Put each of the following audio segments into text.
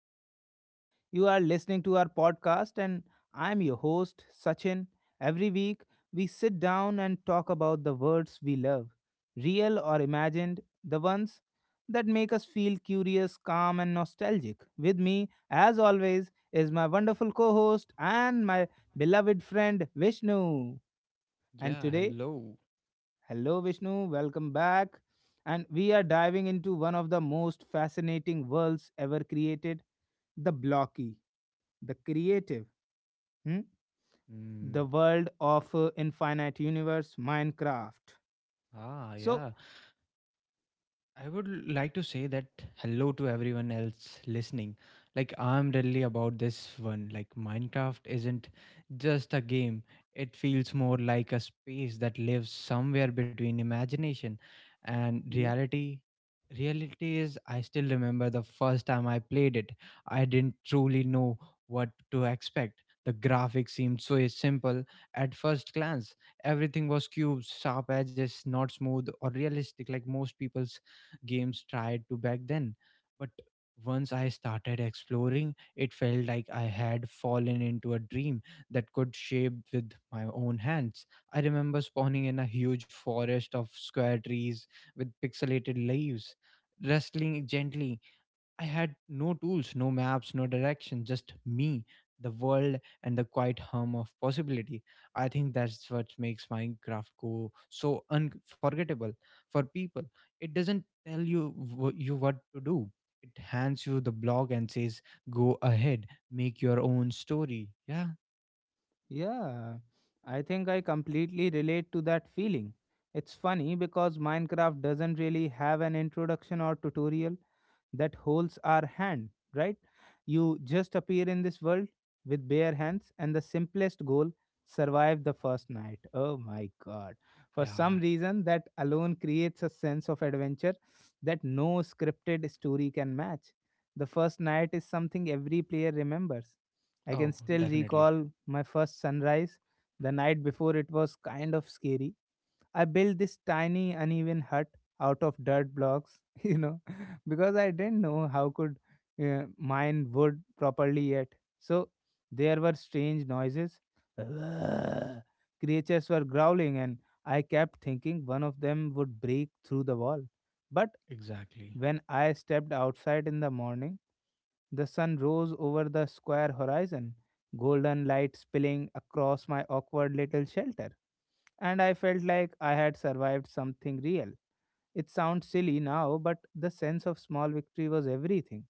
internet. You are listening to our podcast, and I'm your host, Sachin. Every week, we sit down and talk about the words we love, real or imagined, the ones that make us feel curious, calm, and nostalgic. With me, as always, is my wonderful co host and my beloved friend, Vishnu. And Yeah, today, hello. hello, Vishnu. Welcome back. And we are diving into one of the most fascinating worlds ever created, the blocky, the creative, hmm? the Mm. world of infinite universe, Minecraft. Ah, yeah. So, I would like to say that hello to everyone else listening. Like, I'm really about this one. Like, Minecraft isn't just a game, it feels more like a space that lives somewhere between imagination and yeah, reality. Reality is, I still remember the first time I played it. I didn't truly know what to expect. The graphics seemed so simple at first glance. Everything was cubes, sharp edges, not smooth or realistic like most people's games tried to back then. But once I started exploring, it felt like I had fallen into a dream that could shape with my own hands. I remember spawning in a huge forest of square trees with pixelated leaves, rustling gently. I had no tools, no maps, no direction, just me, the world, and the quiet hum of possibility. I think that's what makes Minecraft go so unforgettable for people. It doesn't tell you you what to do. It hands you the blog and says, "Go ahead, make your own story." Yeah, yeah, I think I completely relate to that feeling. It's funny because Minecraft doesn't really have an introduction or tutorial that holds our hand, right? You just appear in this world with bare hands, and the simplest goal, survive the first night. Oh my god. For some yeah. reason, that alone creates a sense of adventure that no scripted story can match. The first night is something every player remembers. I can Oh, still definitely, recall my first sunrise. The night before it was kind of scary. I built this tiny uneven hut out of dirt blocks, you know, because I didn't know how could mine wood properly yet. So there were strange noises. Creatures were growling and I kept thinking one of them would break through the wall. But exactly. when I stepped outside in the morning, the sun rose over the square horizon, golden light spilling across my awkward little shelter, and I felt like I had survived something real. It sounds silly now, but the sense of small victory was everything.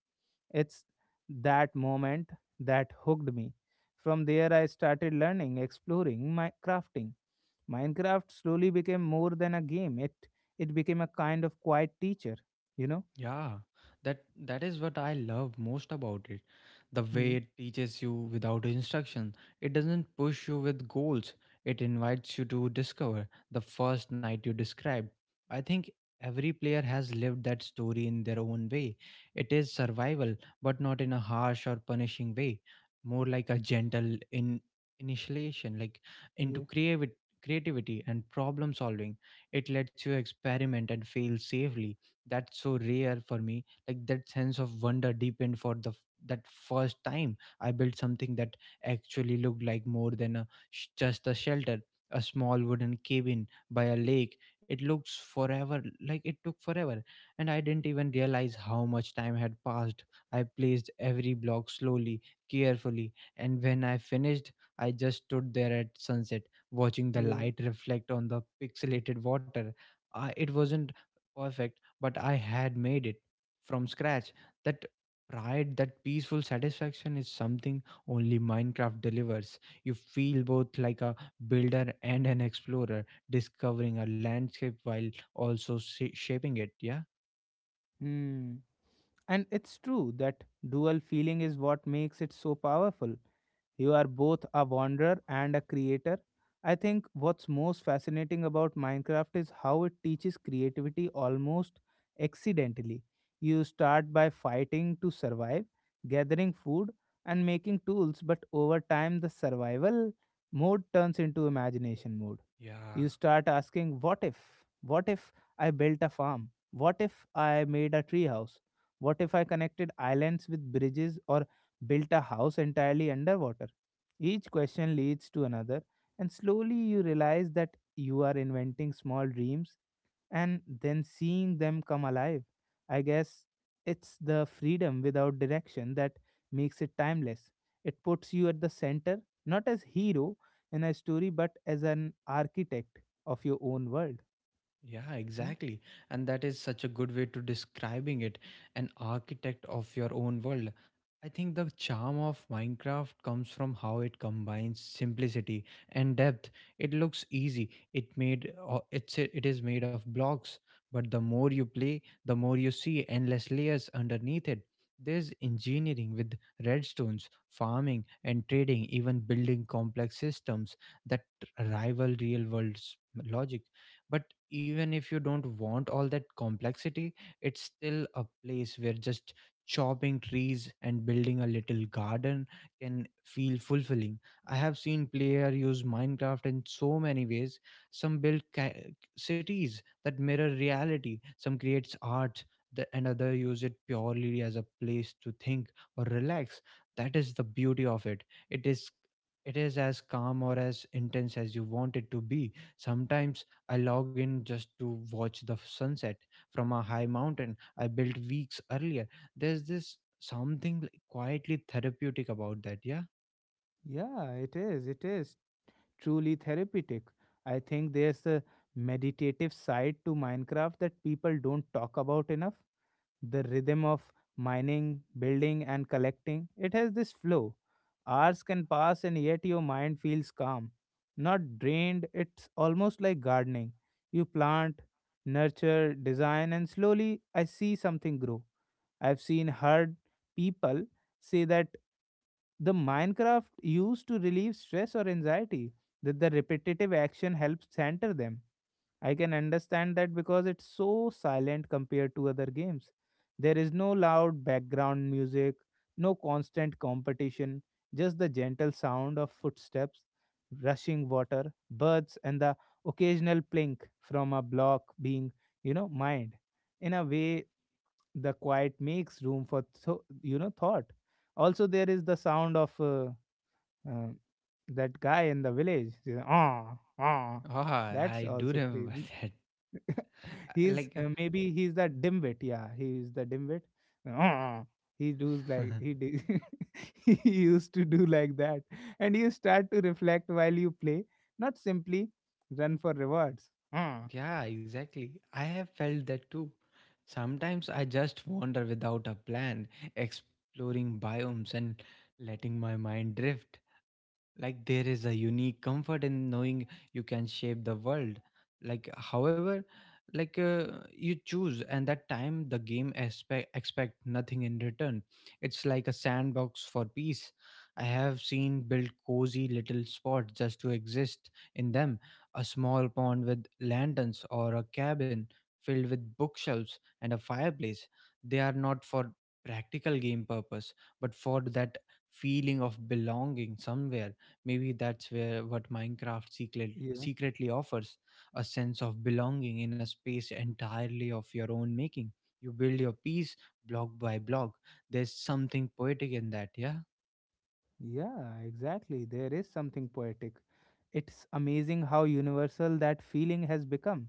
It's that moment that hooked me. From there, I started learning, exploring, my crafting. Minecraft slowly became more than a game. It became a kind of quiet teacher, you know. Yeah, that is what I love most about it. The way Hmm. it teaches you without instruction. It doesn't push you with goals. It invites you to discover the first night you described. I think every player has lived that story in their own way. It is survival, but not in a harsh or punishing way. More like a gentle in initiation, like into Yeah. creativity and problem solving. It lets you experiment and fail safely. That's so rare for me, like that sense of wonder deepened for that first time I built something that actually looked like more than just a shelter, a small wooden cabin by a lake. It looks forever, like it took forever, and I didn't even realize how much time had passed. I placed every block slowly, carefully, and when I finished, I just stood there at sunset watching the Yeah. light reflect on the pixelated water. It wasn't perfect, but I had made it from scratch. That pride, that peaceful satisfaction is something only Minecraft delivers. You feel both like a builder and an explorer, discovering a landscape while also shaping it. Yeah. Hmm. And it's true that dual feeling is what makes it so powerful. You are both a wanderer and a creator. I think what's most fascinating about Minecraft is how it teaches creativity almost accidentally. You start by fighting to survive, gathering food, and making tools, but over time, the survival mode turns into imagination mode. Yeah. You start asking, what if? What if I built a farm? What if I made a treehouse? What if I connected islands with bridges or built a house entirely underwater? Each question leads to another, and slowly you realize that you are inventing small dreams and then seeing them come alive. I guess it's the freedom without direction that makes it timeless. It puts you at the center, not as hero, in a story, but as an architect of your own world. Yeah, Hmm? exactly. And that is such a good way to describing it, an architect of your own world. I think the charm of Minecraft comes from how it combines simplicity and depth. It looks easy. It is made of blocks, but the more you play, the more you see endless layers underneath it. There's engineering with redstones, farming and trading, even building complex systems that rival real world's logic. But even if you don't want all that complexity, it's still a place where just chopping trees and building a little garden can feel fulfilling. I have seen player use Minecraft in so many ways. Some build cities that mirror reality, some creates art, and other use it purely as a place to think or relax. That is the beauty of it. It is it is as calm or as intense as you want it to be. Sometimes I log in just to watch the sunset from a high mountain I built weeks earlier. There's this something like quietly therapeutic about that, yeah? Yeah, it is. It is truly therapeutic. I think there's a meditative side to Minecraft that people don't talk about enough. The rhythm of mining, building, and collecting. It has this flow. Hours can pass, and yet your mind feels calm. Not drained, it's almost like gardening. You plant, nurture, design, and slowly I see something grow. I've seen heard people say that the Minecraft used to relieve stress or anxiety, that the repetitive action helps center them. I can understand that because it's so silent compared to other games. There is no loud background music, no constant competition, just the gentle sound of footsteps, rushing water, birds, and the occasional plink from a block being, you know, mined. In a way, the quiet makes room for, you know, thought. Also, there is the sound of uh, that guy in the village. Ah, ah. Ah, That's I do also remember crazy. that. I- he's Like, maybe he's the dimwit. Yeah, he's the dimwit. Uh, He does like he did. He used to do like that, and you start to reflect while you play, not simply run for rewards. Uh, yeah, exactly. I have felt that too. Sometimes I just wander without a plan, exploring biomes and letting my mind drift. Like there is a unique comfort in knowing you can shape the world like however, like uh, you choose, and that time the game expect nothing in return. It's like a sandbox for peace. I have seen build cozy little spots just to exist in them, a small pond with lanterns, or a cabin filled with bookshelves and a fireplace. They are not for practical game purpose, but for that feeling of belonging somewhere. Maybe that's where what Minecraft Yeah, secretly offers, a sense of belonging in a space entirely of your own making. You build your piece block by block. There's something poetic in that, yeah? yeah, exactly. There is something poetic. It's amazing how universal that feeling has become.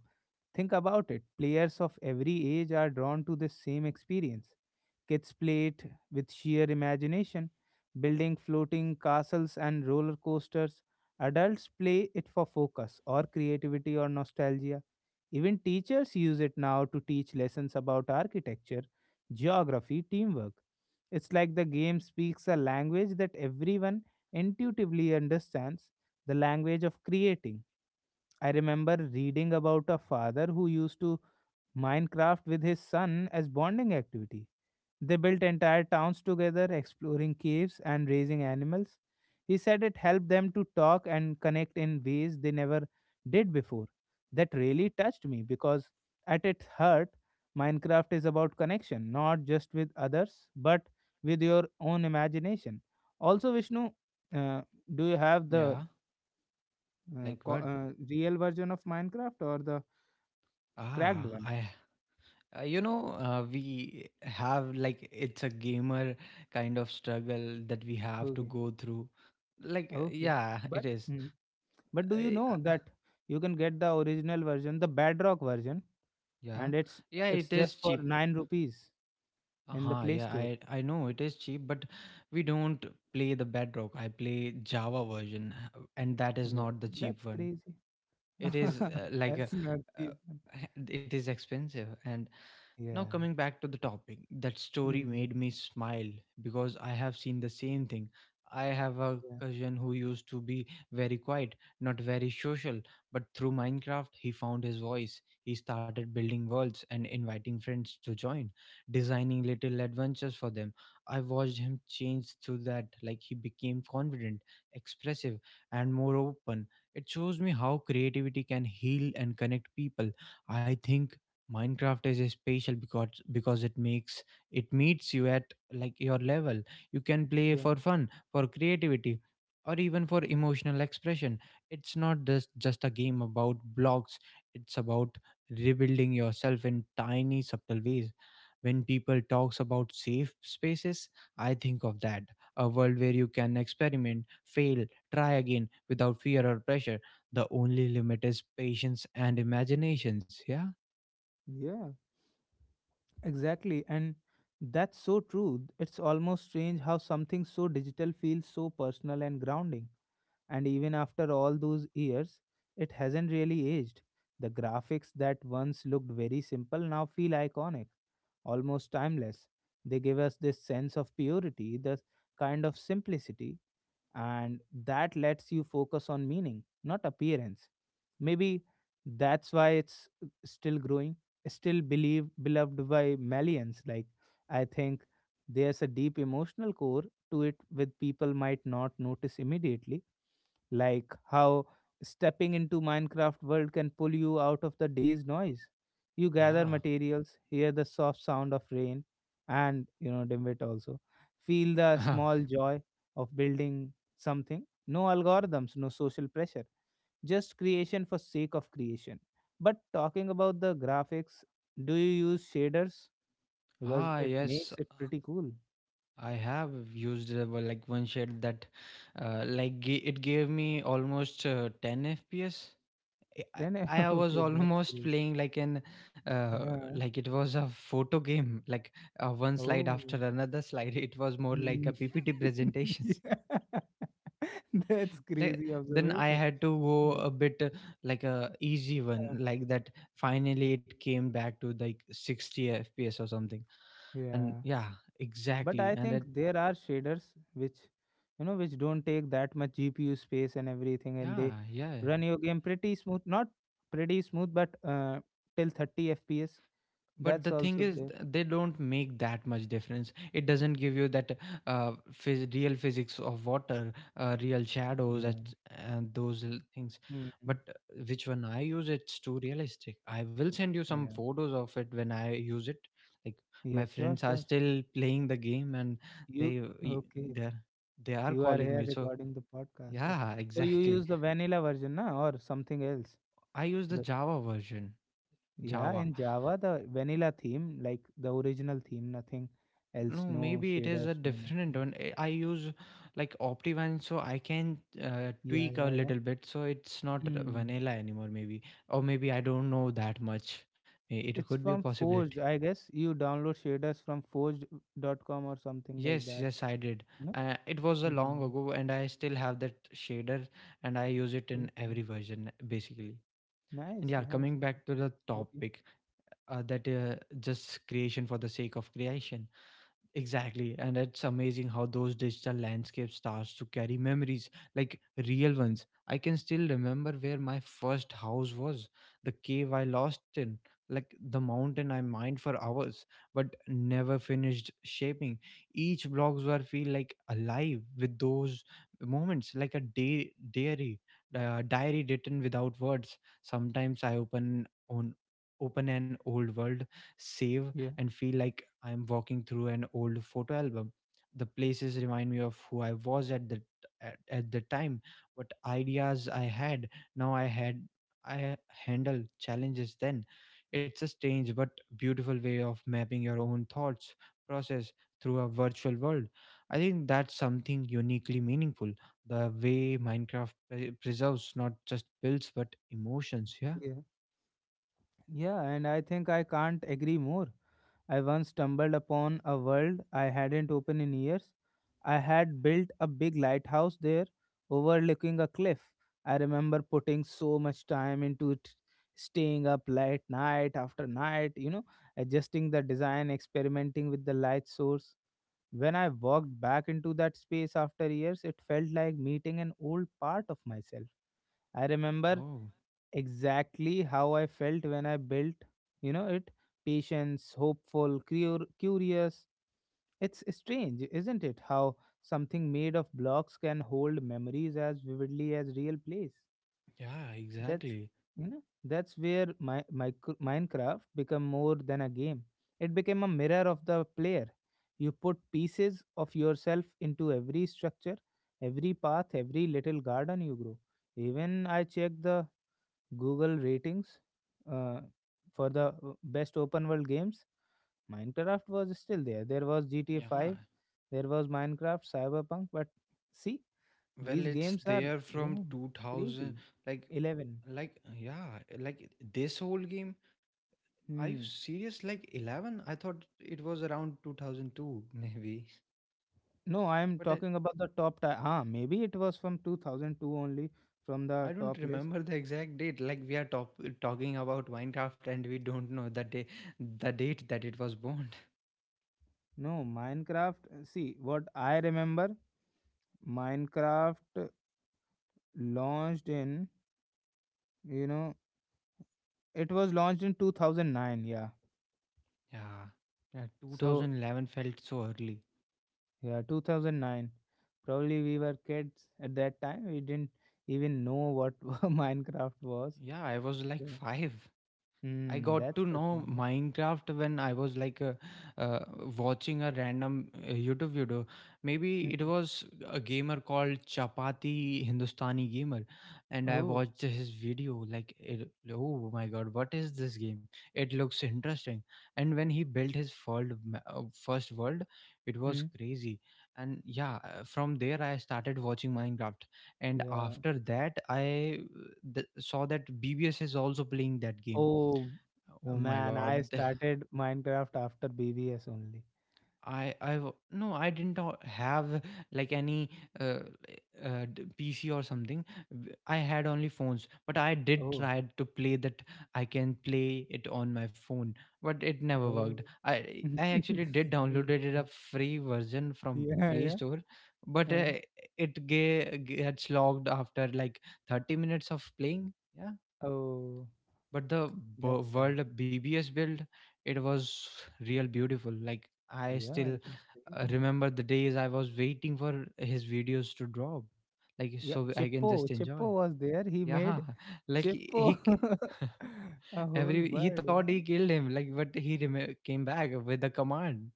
Think about it. Players of every age are drawn to this same experience. Kids played with sheer imagination, building floating castles and roller coasters. Adults play it for focus or creativity or nostalgia. Even teachers use it now to teach lessons about architecture, geography, teamwork. It's like the game speaks a language that everyone intuitively understands, the language of creating. I remember reading about a father who used to Minecraft with his son as bonding activity. They built entire towns together, exploring caves and raising animals. He said it helped them to talk and connect in ways they never did before. That really touched me because, at its heart, Minecraft is about connection, not just with others, but with your own imagination. Also, Vishnu, uh, do you have the Yeah, like what? Real version of Minecraft or the Ah, cracked one? I. You know, we have like it's a gamer kind of struggle that we have to Okay, go through. Like, okay. yeah, it But is. hmm. But do you I- know that you can get the original version, the Bedrock version, yeah, and it's yeah, it it's is just for cheap. 9 rupees in the Uh-huh, Play yeah, Store. I know it is cheap, but we don't play the Bedrock. I play Java version, and that is Yeah, not the cheap that's one. crazy. It is like a, That's not uh, cheap. it is expensive, and now, Yeah. coming back to the topic, that story Mhm. made me smile because I have seen the same thing. I have a Yeah. cousin who used to be very quiet, not very social, but through Minecraft, he found his voice. He started building worlds and inviting friends to join, designing little adventures for them. I watched him change through that, like he became confident, expressive, and more open. It shows me how creativity can heal and connect people. I think Minecraft is a special because it meets you at like your level. You can play Yeah. for fun, for creativity, or even for emotional expression. It's not just a game about blocks. It's about rebuilding yourself in tiny subtle ways. When people talks about safe spaces, I think of that. A world where you can experiment, fail, try again without fear or pressure. The only limit is patience and imaginations. Yeah. Yeah. Exactly. And that's so true. It's almost strange how something so digital feels so personal and grounding. And even after all those years, it hasn't really aged. The graphics that once looked very simple now feel iconic, almost timeless. They give us this sense of purity, the kind of simplicity, and that lets you focus on meaning, not appearance. Maybe that's why it's still growing, still believed, beloved by millions. Like, I think there's a deep emotional core to it with people might not notice immediately, like how stepping into Minecraft world can pull you out of the day's noise. You gather Yeah, materials, hear the soft sound of rain, and you know dimwit also feel the small joy of building something. No algorithms, no social pressure, just creation for sake of creation. But talking about the graphics, do you use shaders because ah it yes. makes it pretty cool? I have used well, like one shade that it gave me almost 10 fps. Then I was okay, that's almost great. playing like an uh, Yeah. like it was a photo game, like one slide Oh. after another slide. It was more like a Mm. ppt presentations. Yeah. That's Like crazy then I observation. had to go Yeah. a bit like a easy one like that, finally it came back to like 60 fps or something, and Yeah. yeah, But exactly, I think and there are shaders which you know which don't take that much GPU space and everything and they yeah, yeah. run your game pretty smooth. Not pretty smooth, but till 30 FPS. But the That's thing also is, there. They don't make that much difference. It doesn't give you that real physics of water, real shadows, at, Yeah. and those things. But hmm which one I use, it's too realistic. I will send you some Yeah. photos of it when I use it. Like my Yeah, sure, friends are sure, sure. still playing the game, and You they okay. they they are You are calling me. here So recording the podcast. yeah, So you exactly. use the vanilla version, na, or something else? I use the Java version. Yeah, Java. in Java, the vanilla theme, like the original theme, nothing else, No, no maybe it is a shaders, no different nothing. one. I use like Optivine, so I can Yeah, tweak a yeah, yeah. little bit, so it's not Hmm. vanilla anymore. Maybe, or maybe I don't know that much. May- It It's could be a from possibility. Forged, I guess. You download shaders from forged.com or something like Yes, that. yes, I did. No? It was a long Hmm. ago, and I still have that shader, and I use it in Okay. every version basically. And Nice, yeah, nice. coming back to the Okay. topic, that just creation for the sake of creation. Exactly, and it's amazing how those digital landscapes starts to carry memories, like real ones. I can still remember where my first house was, the cave I lost in, like the mountain I mined for hours but never finished shaping. Each blocks were feel like alive with those moments, like a day diary, diary written without words. Sometimes I open an old world save Yeah. and feel like I am walking through an old photo album. The places remind me of who I was at at the time, what ideas I had. Now I had I handle challenges then. It's a strange but beautiful way of mapping your own thoughts process through a virtual world. I think that's something uniquely meaningful. The way Minecraft preserves not just builds but emotions. Yeah. Yeah. Yeah, and I think I can't agree more. I once stumbled upon a world I hadn't opened in years. I had built a big lighthouse there overlooking a cliff. I remember putting so much time into it, staying up late night after night, you know, adjusting the design, experimenting with the light source. When I walked back into that space after years, it felt like meeting an old part of myself. I remember Oh, exactly how I felt when I built, you know, it, patience, hopeful, curious. It's strange, isn't it? How something made of blocks can hold memories as vividly as real place. yeah, That's exactly. you know that's where my Minecraft become more than a game. It became a mirror of the player. You put pieces of yourself into every structure, every path, every little garden you grow. Even I checked the Google ratings uh, for the best open world games. Minecraft was still there. There was GTA Yeah, 5, there was Minecraft, Cyberpunk, but see, well, these it's games are there from yeah, crazy. 2000, like 11. Yeah, like this whole game. Are you Hmm. serious? Like 11? I thought it was around 2002 maybe. No, I am But I talking about the top. Maybe it was from 2002 only, from the I don't top list. remember the exact date. Like we are talking about Minecraft and we don't know the date that it was born. No, Minecraft. See, what I remember, Minecraft launched in, you know, it was launched in 2009. Yeah. Yeah. Yeah, So 2011 felt so early. yeah, 2009. Probably we were kids at that time. We didn't even know what Minecraft was. Yeah, I was like So, 5. I mm, got that's to the know thing. Minecraft when I was like uh, watching a random YouTube video. Maybe it Mm. was a gamer called Chapati Hindustani Gamer, and I Oh, watched his video. Like, it, oh my god, what is this game? It looks interesting. And when he built his world, first world, it was hmm. crazy. And yeah, from there I started watching Minecraft, and Yeah. after that saw that BBS is also playing that game. Oh Oh my man, I God. Started Minecraft after BBS only. No, I didn't have like any uh, PC or something. W- I had only phones, but I did Oh, try to play that. I can play it on my phone, but it never oh. worked. I actually did downloaded it a free version from Yeah, Play yeah. Store, but Huh? It gets logged after like 30 minutes of playing. Yeah, Oh, but the that's sad. world of BBS build, it was real beautiful. Like, I Yeah, still it was crazy. remember the days I was waiting for his videos to drop, like, Yeah, so I can Chippo, just enjoy. Chippo was there. He Yeah. made Like, Chippo, k- a whole every— he bird, thought yeah. he killed him, like, but he came back with a command.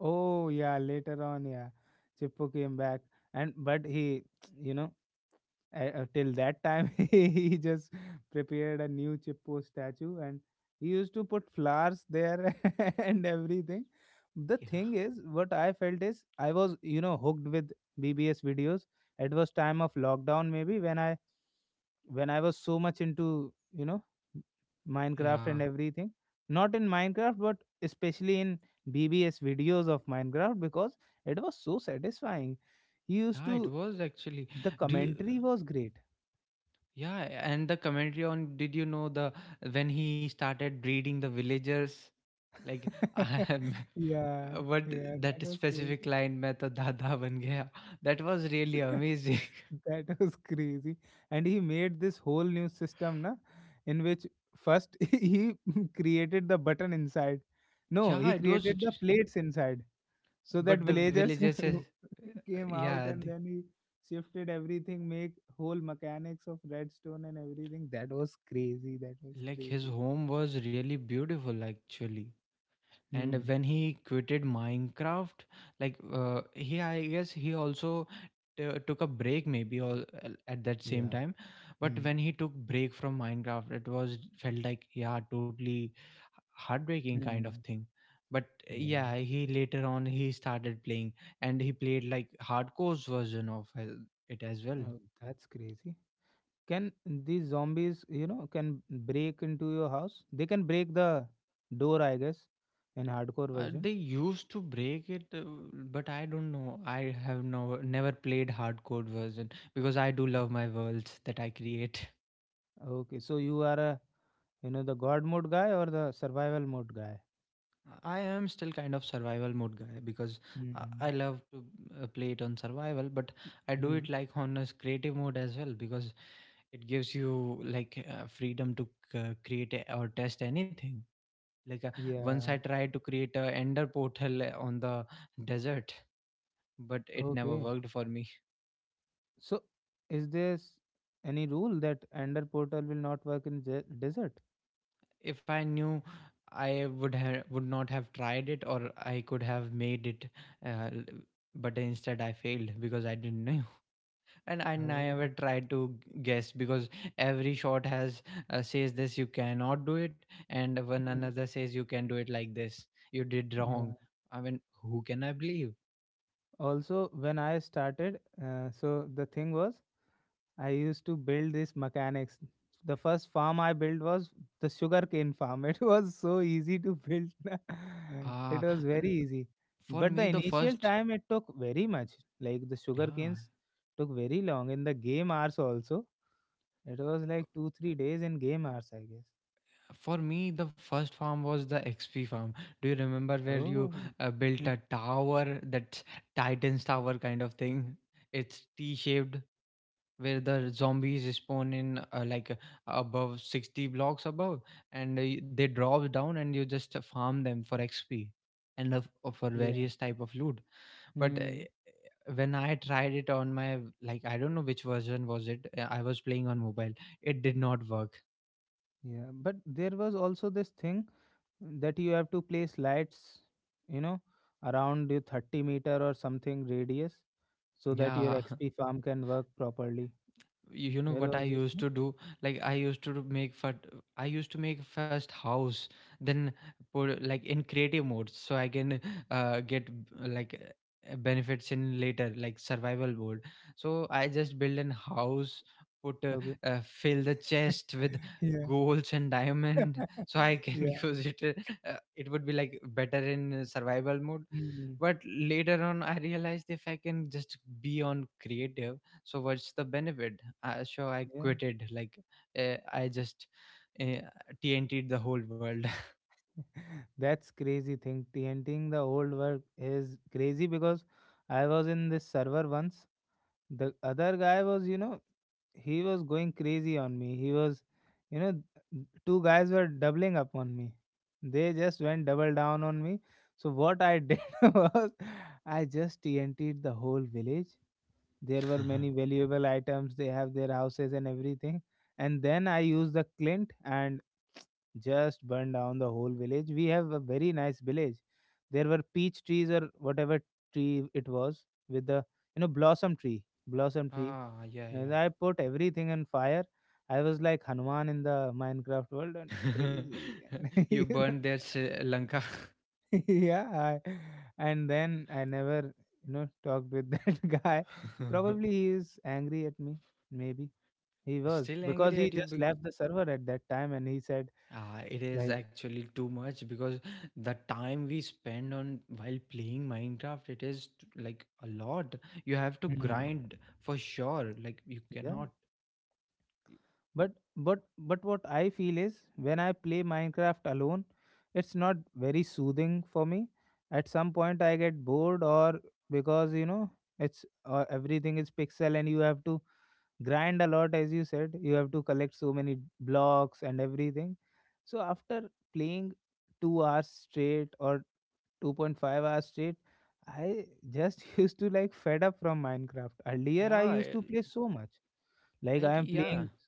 Oh yeah, later on, yeah, Chippo came back, and but he, you know, till that time he just prepared a new Chippo statue, and he used to put flowers there and everything. The Yeah, thing is, what I felt is I was, you know, hooked with BBS videos. It was time of lockdown, maybe when I was so much into, you know, Minecraft yeah, and everything. Not in Minecraft, but especially in BBS videos of Minecraft because it was so satisfying. He used yeah, it to, was actually— the do you— commentary was great. yeah, and the commentary on— did you know the— when he started breeding the villagers, like, I am. Uh, Yeah, But yeah, that that was specific crazy. line, "मैं तो दादा बन गया," that was really amazing. That was crazy. And he made this whole new system, na, in which first he created the button inside. No, Yeah, he it was. created the re- plates inside. So that But the villagers villagers, came out, yeah, and the— then he shifted everything, make whole mechanics of redstone and everything. That was crazy. That was like, his crazy. home was really beautiful actually. And Hmm. when he quitted Minecraft, like, he, I guess he also took a break maybe, or at that same Yeah. time. But Hmm. when he took break from Minecraft, it was felt like, yeah, totally heartbreaking kind of Hmm. thing. But Yeah. yeah, he later on, he started playing, and he played like hardcore version of it as well. Oh, that's crazy. Can these zombies, you know, can break into your house. They can break the door, I guess, in hardcore version. They used to break it, but I don't know. I have no, never played hardcore version because I do love my worlds that I create. Okay, so you are a, you know, the god mode guy or the survival mode guy? I am still kind of survival mode guy because I Hmm. love to play it on survival, but I do Hmm. it like on a creative mode as well because it gives you like freedom to create or test anything. Like, once I Yeah. tried to create a ender portal on the desert, but it never Okay. worked for me. So, is there any rule that Ender Portal will not work in the desert? If I knew, I would have— would not have tried it, or I could have made it, uh, l- but instead I failed because I didn't know, and I Oh. never tried to guess because every shot has says this you cannot do it, and one Mm. another says you can do it like this. You did wrong. Yeah. I mean, who can I believe? Also, when I started, so the thing was, I used to build these mechanics. The first farm I built was the sugarcane farm. It was so easy to build. It Ah, was very n- easy. for But me the the initial first— time it took very much. Like the yeah. sugarcanes took very long in the game hours also. It was like two, 3 days in game hours, I guess. For me, the first farm was the XP farm. Do you remember where you Oh, built mm, a tower, that Titan's tower kind of thing? It's T-shaped, where the zombies spawn in like above 60 blocks above, and they drop down, and you just farm them for XP and for yeah, various type of loot. But mm, when I tried it on my, like, I don't know which version was it. Uh, I was playing on mobile. It did not work. yeah. But there was also this thing that you have to place lights, you know, around your 30 meter or something radius, so that your Yeah. XP farm can work properly. You know There what I was this used thing. to do? Like, I used to make fat— I used to make first house, then put like in creative mode so I can like benefits in later like survival mode. So I just build an house, put Okay. Fill the chest with Yeah. golds and diamond so I can Yeah. use it. Uh, it would be like better in survival mode. Mm, But later on I realized if I can just be on creative, so what's the benefit? So I yeah. quitted, like, I just uh, TNT'd the whole world. That's crazy thing. TNTing the old work is crazy, because I was in this server once. The other guy was, you know, he was going crazy on me. He was, you know, two guys were doubling up on me. They just went double down on me. So what I did was, I just TNT'd the whole village. There were many valuable items. They have their houses and everything. And then I used the Clint, and just burned down the whole village. We have a very nice village. There were peach trees or whatever tree it was with the, you know, blossom tree, blossom tree. Ah, yeah. And I put everything on fire. I was like Hanuman in the Minecraft world and Yeah. crazy. You You burned know, their Sri Lanka. yeah, and then I never, you know, talked with that guy. Probably he is angry at me. Maybe he was, Still because angry he at you? just left the server at that time, and he said Ah, it is like actually too much because the time we spend on while playing Minecraft, it is like a lot. You have to "Hmm, grind for sure. Like, you yeah, cannot. but but what I feel is, when I play Minecraft alone, it's not very soothing for me. At some point I get bored, or because, you know, it's everything is pixel, and you have to grind a lot. As you said, you have to collect so many blocks and everything. So after playing 2 hours straight or 2.5 hours straight, I just used to like fed up from Minecraft. Earlier I Yeah, used eh, to play so much, like I like, am playing yeah.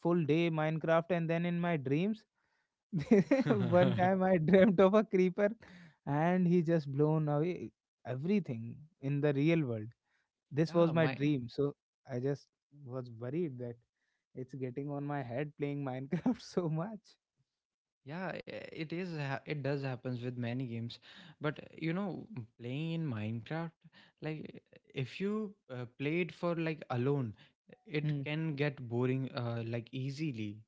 full day Minecraft, and then in my dreams, one time I dreamt of a creeper, and he just blown away everything in the real world. This was Yeah, my my— dream. So I just was worried that it's getting on my head playing Minecraft so much. yeah, eh, it it does happens with many games. But eh, you know, playing in Minecraft, like, eh, if you played for like alone, eh, it Hmm. can get boring like easily.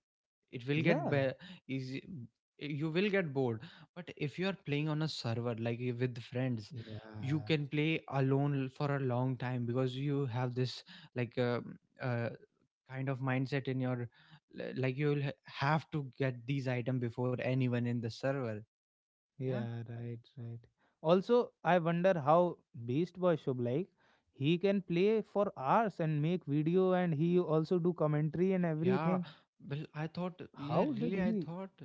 It will Yeah. Easy— eh, you will get bored. But if you are playing on a server like, eh, with friends, you Yeah. can play alone for a long time because you have this like, kind of mindset in your— like, you'll have to get these item before anyone in the server. Yeah. Yeah, right, right. Also, I wonder how Beast Boy Shub, like he can play for hours and make video, and he also do commentary and Yeah, everything. well, I thought— yeah, How did really, I he thought,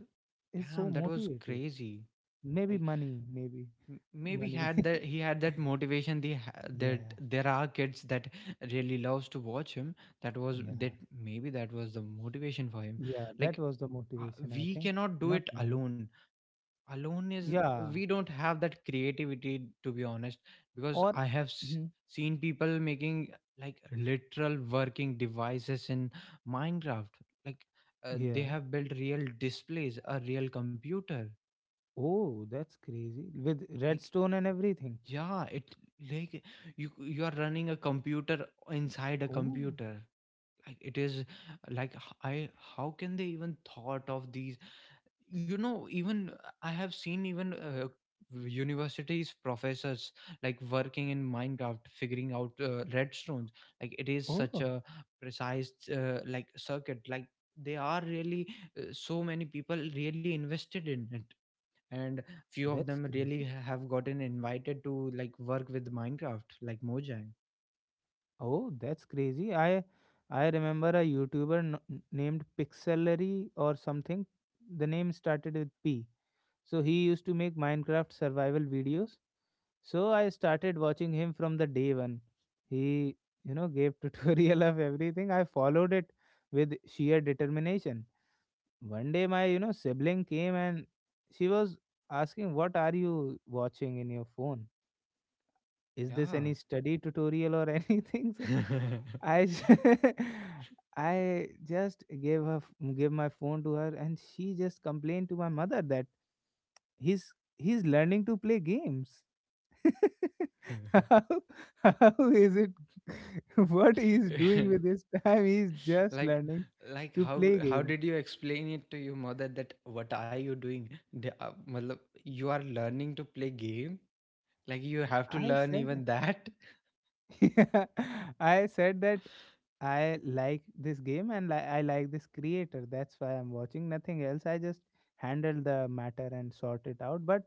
is damn, so that was motivated? crazy. Maybe Like, money, maybe maybe money. had that— he had that motivation, the that Yeah, there are kids that really loves to watch him. That was that— yeah, maybe that was the motivation for him. yeah. That Like, was the uh, motivation, I we think. cannot do Not it money. alone. Alone is— Yeah. we don't have that creativity, to be honest, because Or. I have Mhm. seen people making like literal working devices in Minecraft, like, they Yeah. have built real displays, a real computer. Oh, that's crazy. With Like, redstone and everything. yeah, it— like, you are running a computer inside a Oh. computer. Like, it is— like, h- I how can they even thought of these, you know? Even I have seen even universities professors like working in Minecraft figuring out redstones. Like, it is such Oh, a precise like circuit. Like, they are really so many people really invested in it, and few of that's them really crazy. have gotten invited to like work with Minecraft, like Mojang. Oh, that's crazy. I remember a YouTuber named Pixelary or something. The name started with P. So he used to make Minecraft survival videos. So I started watching him from the day one. He, you know, gave tutorial of everything. I followed it with sheer determination. One day my, you know, sibling came, and she was asking, what are you watching in your phone? Is this Yeah. any study tutorial or anything? So I j- I just gave her gave my phone to her, and she just complained to my mother that he's learning to play games. how, how is it, what he's doing with his time, he's just Like— learning like, to how— play how games. did you explain it to your mother that what are you doing, the, matlab, you are learning to play game? Like, you have to I learn even said that. yeah, I said that I like this game, and I like this creator, that's why I'm watching, nothing else. I just handle the matter and sort it out, but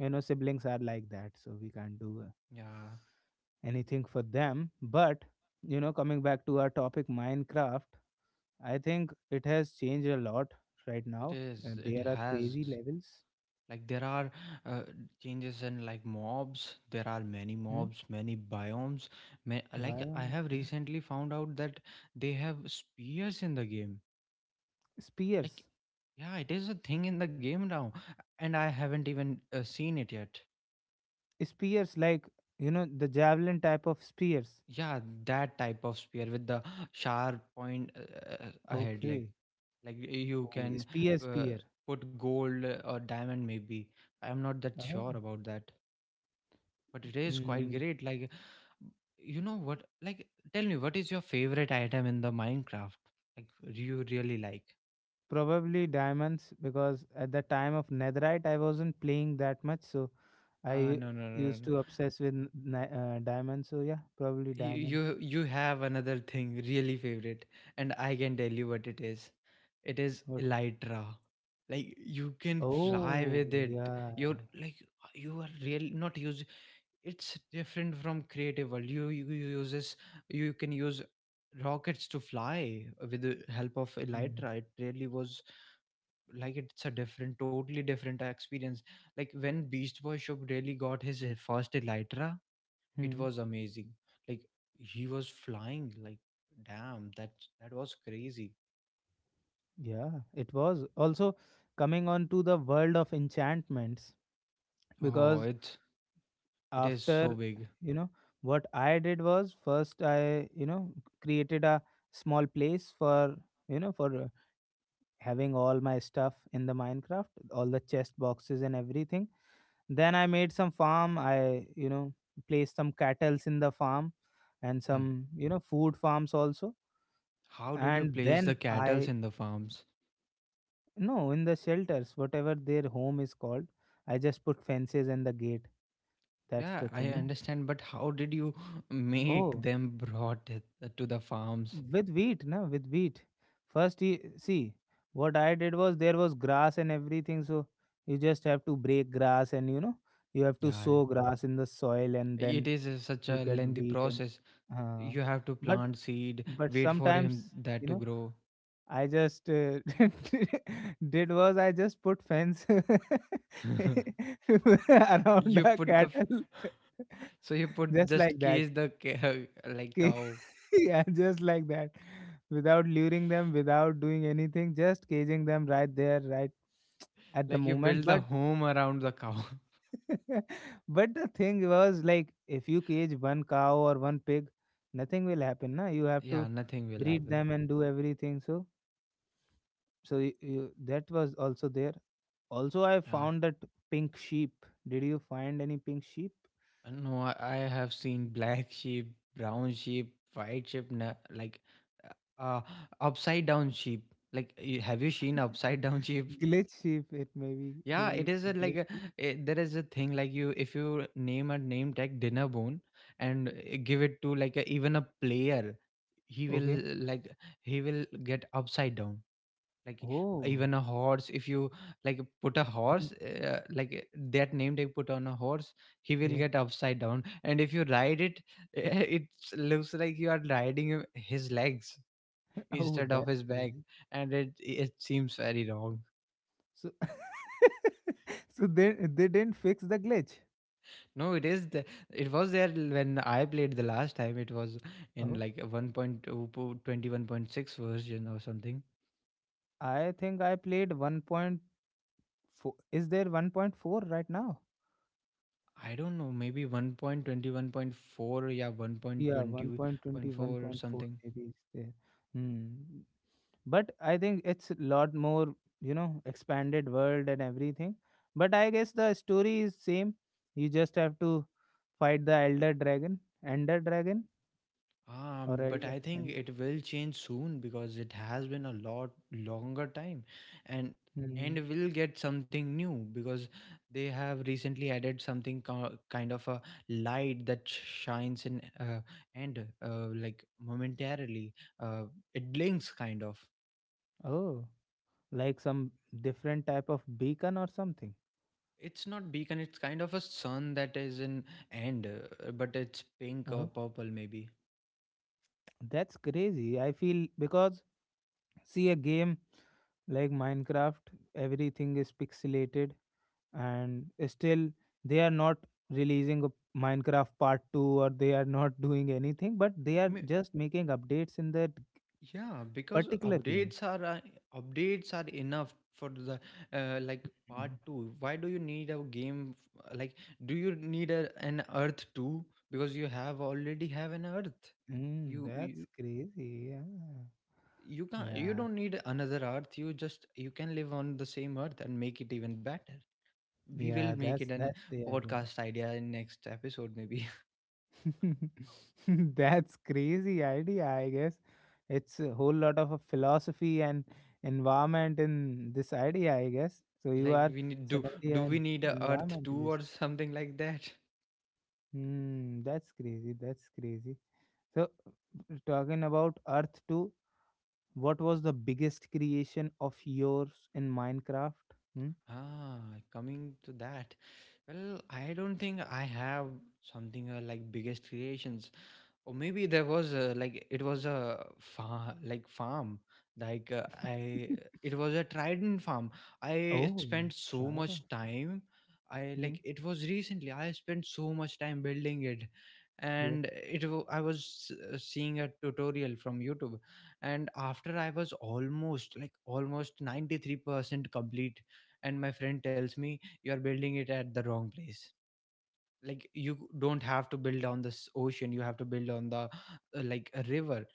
you know, siblings are like that, so we can't do Yeah, anything for them, but you know, coming back to our topic Minecraft, I think it has changed a lot right it now. is— it There are crazy has— levels. like, there are uh, changes in like mobs, there are many Hmm? mobs, many biomes. Like, I Biomes, have yeah. recently found out that they have spears in the game. Like, Spears. yeah, it is a thing in the game now, and I haven't even seen it yet. Spears, like, you know, the javelin type of spears. Yeah, that type of spear with the sharp point ahead. like Okay. like you Oh, can spear, uh, spear. put gold or diamond maybe. I am not that sure Oh. about that, but it is quite Mm, great. Like, you know what? Like, tell me, what is your favorite item in the Minecraft? Like, do you really like? probably diamonds, because at the time of Netherite, I wasn't playing that much. So I No, no, no, no, used no. to obsess with diamonds. So yeah, probably you diamond. you you have another thing really favorite, and I can tell you what it is. It is What? elytra. Like, you can fly Oh, with it. yeah. You're like— you are real not use— it's different from creative world. You uses— you can use rockets to fly with the help of Hmm. elytra. It really was— like, it's a different totally different experience. Like, when Beast Boy shop really got his first elytra, it Hmm. was amazing. Like, he was flying like, damn, that— that was crazy. Yeah, it was also coming on to the world of enchantments, Oh, because it— it is so after, big. you know, what I did was first, I, you know, created a small place for, you know, for having all my stuff in the Minecraft, all the chest boxes and everything. Then I made some farm. I, you know, placed some cattle's in the farm and Hmm. some, you know, food farms also. How did you And place the then cattles I. in the farms? No, in the shelters, whatever their home is called, I just put fences and the gate. That's Yeah, the I thing, no? understand, but how did you make Oh, them brought it to the farms? with wheat, no? With wheat. First, he, see, what I did was there was grass and everything, so you just have to break grass, and you know, you have to Yeah, sow grass in the soil, and it then is a- such you a get lengthy wheat and process. uh, You have to but plant seed, but wait for him sometimes that you to know, grow. I just did was I just put fence around You the put the cattle, so you put just like just that. case the like Okay, cow— yeah, just like that, without luring them, without doing anything, just caging them right there, right at the like, you moment. build the But home around the cow. but the thing was like, if you cage one cow or one pig, nothing will happen. Na, you have to Yeah, nothing will breed happen. them and do everything. So that was also there. Also, I Yeah. found that pink sheep. Did you find any pink sheep? I know I have seen black sheep, brown sheep, white sheep, like uh uh, upside down sheep. Like, you— have you seen upside down sheep? Glitch sheep, it maybe Yeah, it maybe is it's a a like glitch a— sheep. it, there is a thing like, you— if you name a name tag dinner bone and give it to like a, even a player, he will Okay. like— he will get upside down. Like, Oh. even a horse, if you like put a horse Hmm. Like that name they put on a horse, he will Yeah. get upside down, and if you ride it, it looks like you are riding his legs Oh, instead of that's his back, crazy. and it— it seems very wrong. So, so they didn't fix the glitch. No, it is the— it was there when I played the last time. It was in Oh, like a 1.2 version or something. I think I played 1.4. Is there 1.4 right now? I don't know, maybe 1.21.4, yeah, Yeah, one point twenty one 1.20.4 or point four something. maybe is there. Hmm. But I think it's a lot more, you know, expanded world and everything, but I guess the story is same. You just have to fight the elder dragon, ender dragon, or But elder I think and. it will change soon because it has been a lot longer time, and Hmm. and will get something new because they have recently added something kind of a light that shines in and like momentarily uh, it blinks kind of. Oh, like some different type of beacon or something. It's not beacon; it's kind of a sun that is in end, but it's pink or Oh, purple maybe. that's crazy, I feel, because see a game like Minecraft, everything is pixelated, and still they are not releasing a Minecraft part 2, or they are not doing anything, but they are just making updates in that Yeah, because particular game. Updates are enough for the like part Mhm. 2. Why do you need a game like, do you need an earth 2? Because you have already have an earth. Mm, you that's you crazy. Yeah. you can't, you Yeah. don't need another earth, you just, you can live on the same earth and make it even better. We will Yeah, make it that's an that's they are doing. podcast idea in next episode maybe. That's crazy idea, I guess. It's a whole lot of a philosophy and environment in this idea, I guess. So you Like, are we need suddenly do we an need a earth 2 environmentalist. or something like that? Hmm, that's crazy. That's crazy. So, talking about Earth 2, what was the biggest creation of yours in Minecraft? Hmm? Ah, coming to that. Well, I don't think I have something like biggest creations, or maybe there was a, like it was a far like farm, like I it was a trident farm. I spent Oh. so much Trident. time. I Hmm. Like it was recently, I spent so much time building it, Yeah. and I was seeing a tutorial from youtube. And after I was almost like almost 93% complete, and my friend tells me, you're building it at the wrong place, like you don't have to build on this ocean, you have to build on the like a river.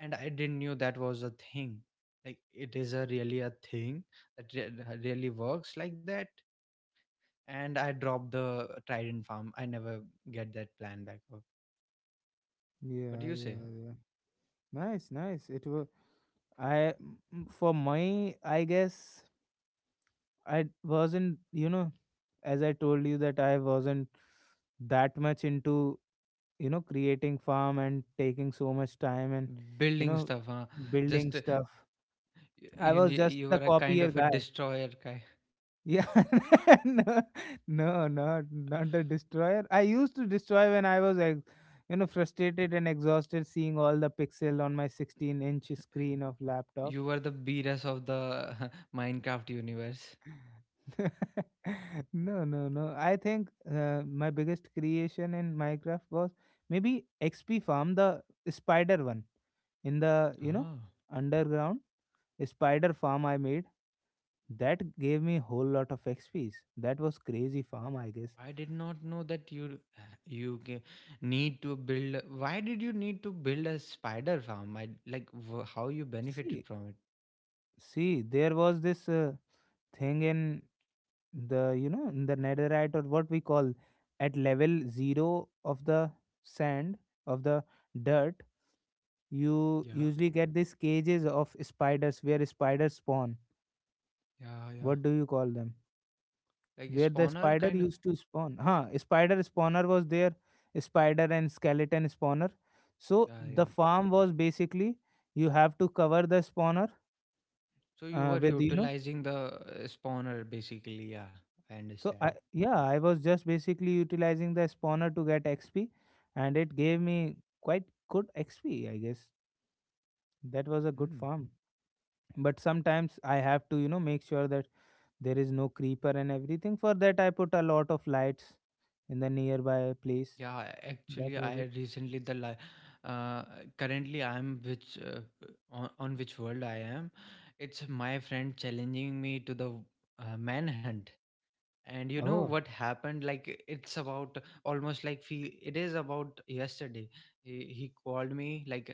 And I didn't knew that was a thing, like it is a really a thing, that really works like that. And I dropped the trident farm, I never get that plan back up. What do Yeah. you say? Yeah. Yeah. Nice. Nice. It was. I for my. I guess wasn't. You know, as I told you that I wasn't that much into, you know, creating farm and taking so much time and, you Building know, stuff, huh? building Just, stuff. I was just you the were a kind copier of a guy. destroyer guy. Yeah, no, no, not the destroyer. I used to destroy when I was, you know, frustrated and exhausted, seeing all the pixel on my 16-inch screen of laptop. You were the beerus of the minecraft universe. No, no, no. I think my biggest creation in Minecraft was maybe XP farm, the spider one in the, you know, Oh. underground. Spider farm I made that gave me whole lot of xps. That was crazy farm, I guess. I did not know that you need to build. Why did you need to build a spider farm? I like how you benefited see from it. see There was this thing in the, you know, in the netherite, or what we call, at level 0 of the sand, of the dirt, you Yeah, usually get these cages of spiders where spiders spawn. yeah, yeah. What do you call them, Like a where the spawner spider kind. Of- used to spawn. Huh, spider spawner was there, spider and skeleton spawner. So Yeah, the yeah. farm was basically you have to cover the spawner So you were with, you know. utilizing the spawner basically. Yeah, I So understand. I was just basically utilizing the spawner to get XP, and it gave me quite good XP, I guess. That was a good Mm. farm. But sometimes I have to, you know, make sure that there is no creeper and everything. For that I put a lot of lights in the nearby place. Yeah, That actually, was I it. recently the uh, currently I'm which on which world I am. It's my friend challenging me to the manhunt. And you know Oh. what happened, like it's about almost like it is about yesterday. He called me like,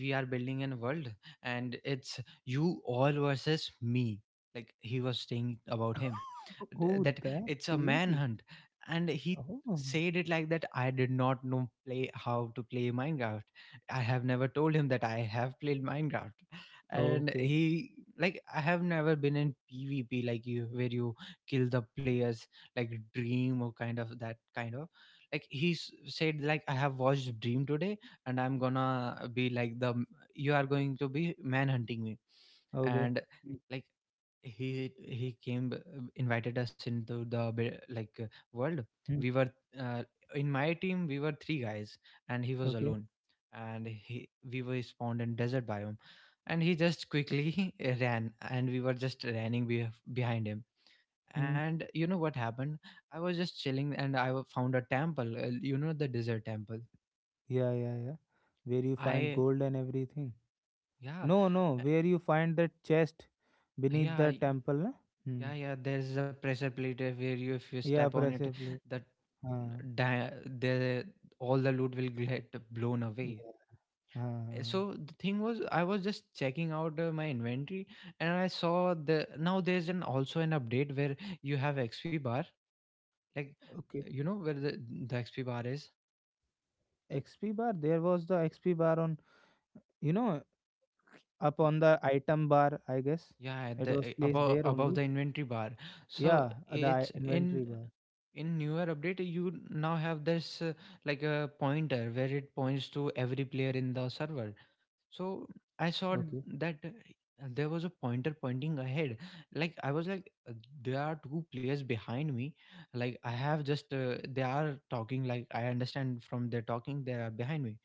we are building a world, and it's you all versus me. Like he was saying about him, Oh, that that it's a crazy. manhunt. And he Oh, said it like that, I did not know play how to play minecraft. I have never told him that I have played minecraft. And okay, he, like I have never been in pvp, like you where you kill the players, like dream or kind of that kind of, like he said like I have watched dream today, and I'm gonna be like the, you are going to be man hunting me. okay. And Mm, like, he he came b- invited us into the like world. mm. We were, uh, in my team we were 3 guys, and he was Okay. alone. And he we were spawned in desert biome, and he just quickly ran, and we were just running be behind him. Hmm. And you know what happened, I was just chilling and found a temple, you know the desert temple. Yeah, yeah, yeah. Where you find I gold and everything. Yeah. No, no, uh, where you find the chest beneath yeah the I- temple, na? Hmm. yeah, yeah, there's a pressure plate where, you, if you step Yeah, on it, pressure plate. that Uh, di- the all the loot will get blown away. yeah. Uh, So the thing was I was just checking out my inventory, and I saw the, now there's an also an update where you have xp bar, like okay. you know where the xp bar is. XP bar. There was the XP bar on, you know, up on the item bar, I guess. Yeah, at It the was eh, placed above there above only. the inventory bar. So Yeah, the it's inventory bar. in newer update, you now have this like a pointer where it points to every player in the server. So I saw Okay. that there was a pointer pointing ahead. Like I was like, there are 2 players behind me, like I have just they are talking, like I understand from their talking they are behind me,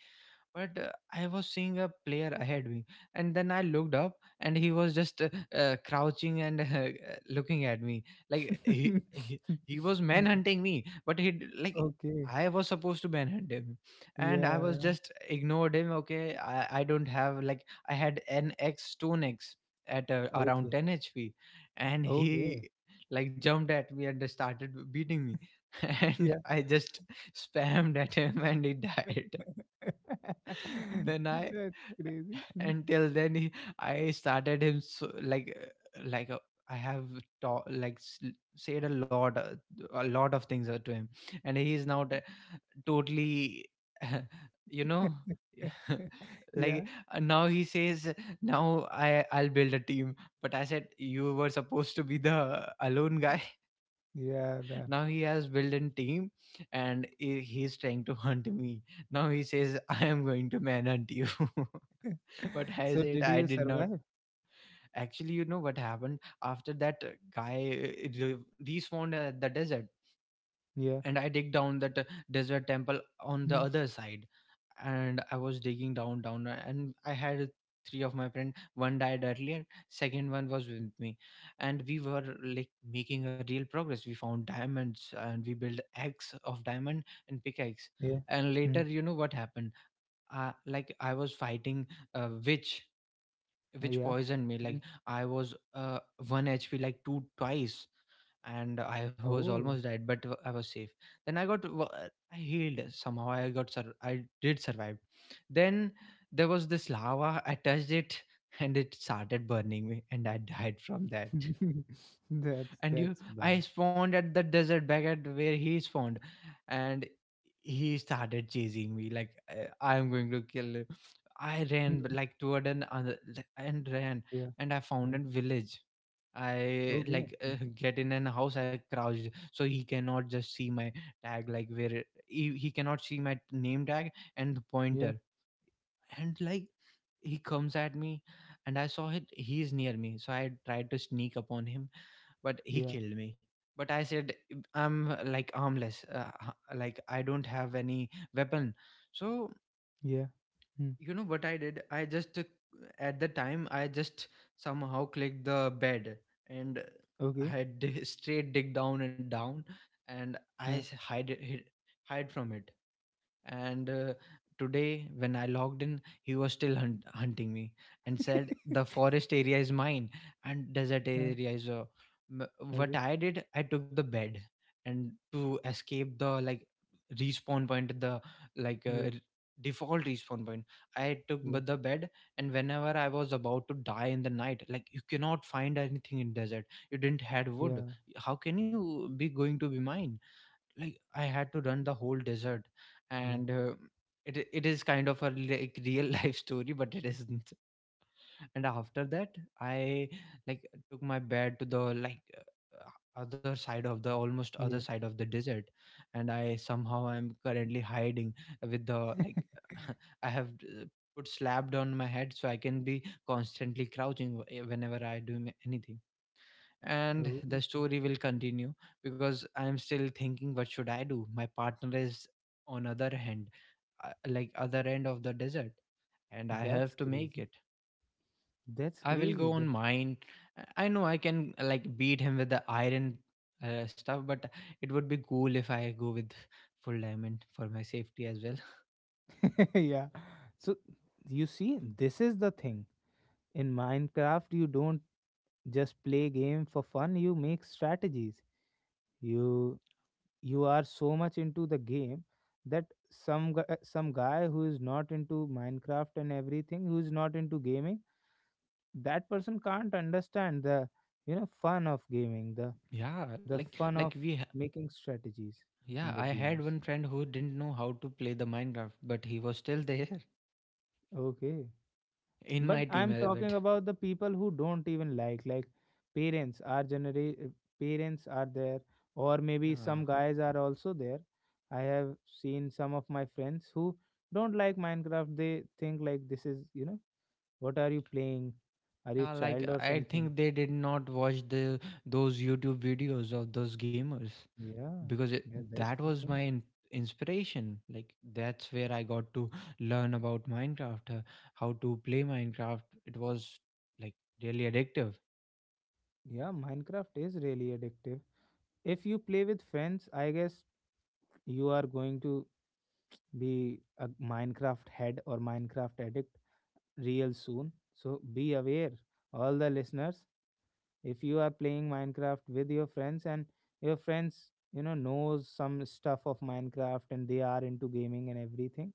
but I was seeing a player ahead me. And then I looked up, and he was just crouching and looking at me. Like he was manhunting me, but like Okay. I was supposed to manhunt him. And I was Yeah. just ignored him. Okay, I don't have like, I had an x stone x at around Okay. 10 hp. And Okay. he, like, jumped at me and started beating me, and Yeah. I just spammed at him, and he died. Then I, That's crazy. Mm. until then he, I started him so, like I have, ta- like s- said a lot of things to him. And he is now totally you know, Yeah. like, now he says, now I'll build a team. But I said, you were supposed to be the alone guy. Yeah. That. Now he has built a team, and he's trying to hunt me. Now he says, I am going to man hunt you. But I So said, did I you did not. survive? Actually, you know what happened after that, guy respawned at the desert. Yeah. And I dig down that desert temple on the Mm. other side. And I was digging down, down, and I had 3 of my friend. One died earlier, second one was with me, and we were like making a real progress. We found diamonds and we built axe of diamond and pickaxe. Yeah. And later, Mm. you know what happened? Like I was fighting a witch, which Yeah. poisoned me. Like Mm. I was one HP, like two twice, and I was almost Oh. died, but I was safe. Then I got I healed somehow. I got I did survive. Then there was this lava. I touched it, and it started burning me, and I died from that. That's And you that's bad. I spawned at the desert back at where he spawned. And he started chasing me like, I'm going to kill you." I Mm. ran but, like toward an other like, and ran. Yeah. And I found Huh. a village. I Okay. like Mm. get in an house, I crouched so he cannot just see my tag. Like where he cannot see my name tag and the Yeah. pointer. And like, he comes at me, and I saw it he is near me, so I tried to sneak upon him, but he Yeah. killed me. But I said, I'm like armless, like I don't have any weapon. So, Yeah. Mm. you know what I did, I just at the time, I just somehow clicked the bed, and Okay. I straight dig down and down. And i s- Huh. hide it hid- hide from it. And today when I logged in, he was still hunting me, and said the forest area is mine and desert Huh. area is m- what Okay. I did, I took the bed, and to escape the like respawn point, the like Yeah. Default respawn point, I took Yeah. The bed. And whenever I was about to die in the night, like you cannot find anything in desert, you didn't had wood, Yeah. how can you be going to be mine? Like, I had to run the whole desert, Yeah. and it it is kind of a like real life story, but it isn't. And after that, I like took my bed to the like other side of the almost other Yeah. side of the desert, and I somehow I'm currently hiding with the like I have put slapped on my head so I can be constantly crouching whenever I do anything. And Oh, the story will continue, because I'm still thinking what should I do. My partner is on other hand, like other end of the desert, and I that's have to make crazy. it. That's I will crazy. go on That's mine, I know I can like beat him with the iron stuff, but it would be cool if I go with full diamond for my safety as well. yeah. So you see, this is the thing. In Minecraft, you don't just play game for fun, you make strategies. You you are so much into the game that some guy who is not into Minecraft and everything, who is not into gaming, that person can't understand the, fun of gaming, the Yeah, the like, fun like of we ha- making strategies yeah, in the I had games. one friend who didn't know how to play the minecraft, but he was still there Okay. in But my team, I'm talking but about the people who don't even like parents are generally. Parents are there, or maybe uh, some guys are also there. I have seen some of my friends who don't like Minecraft, they think like, this is, what are you playing, are you Yeah, like child or I something? think they did not watch the those YouTube videos of those gamers, Yeah, because it, yeah, that that's the was my thing. Inspiration. Like that's where I got to learn about Minecraft, how to play Minecraft. It was like really addictive. Yeah, Minecraft is really addictive. If you play with friends, I guess you are going to be a Minecraft head or Minecraft addict real soon. So be aware, all the listeners, if you are playing Minecraft with your friends and your friends, knows some stuff of Minecraft and they are into gaming and everything,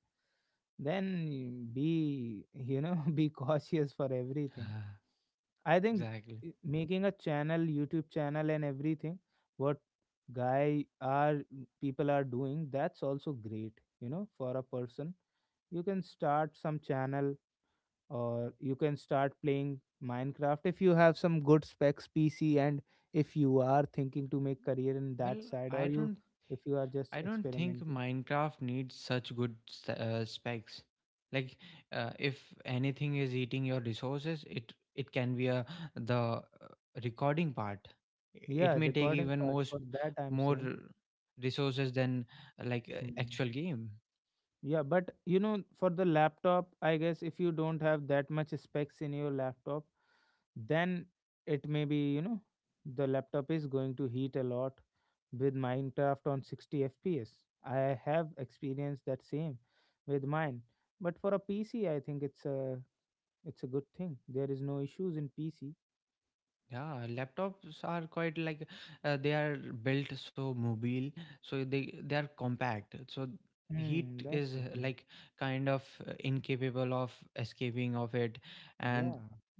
then be, be cautious for everything. Ah, I think exactly. Making a channel, YouTube channel and everything, what guy are people are doing, that's also great, for a person. You can start some channel or you can start playing Minecraft if you have some good specs PC, and if you are thinking to make career in that Well, side, I or don't you if you are just I don't think experimenting. Minecraft needs such good specs. Like, if anything is eating your resources, it can be a the recording part. It Yeah, may take recording even part, more for that I'm more saying. resources than Mhm. actual game. Yeah, but for the laptop, I guess, if you don't have that much specs in your laptop, then it may be, the laptop is going to heat a lot with Minecraft on 60 fps. I have experienced that same with mine. But for a PC, I think it's a good thing. There is no issues in PC. Yeah, laptops are quite like they are built so mobile, so they are compact. So Hmm, heat that's is the thing. like kind of incapable of escaping of it, and Yeah.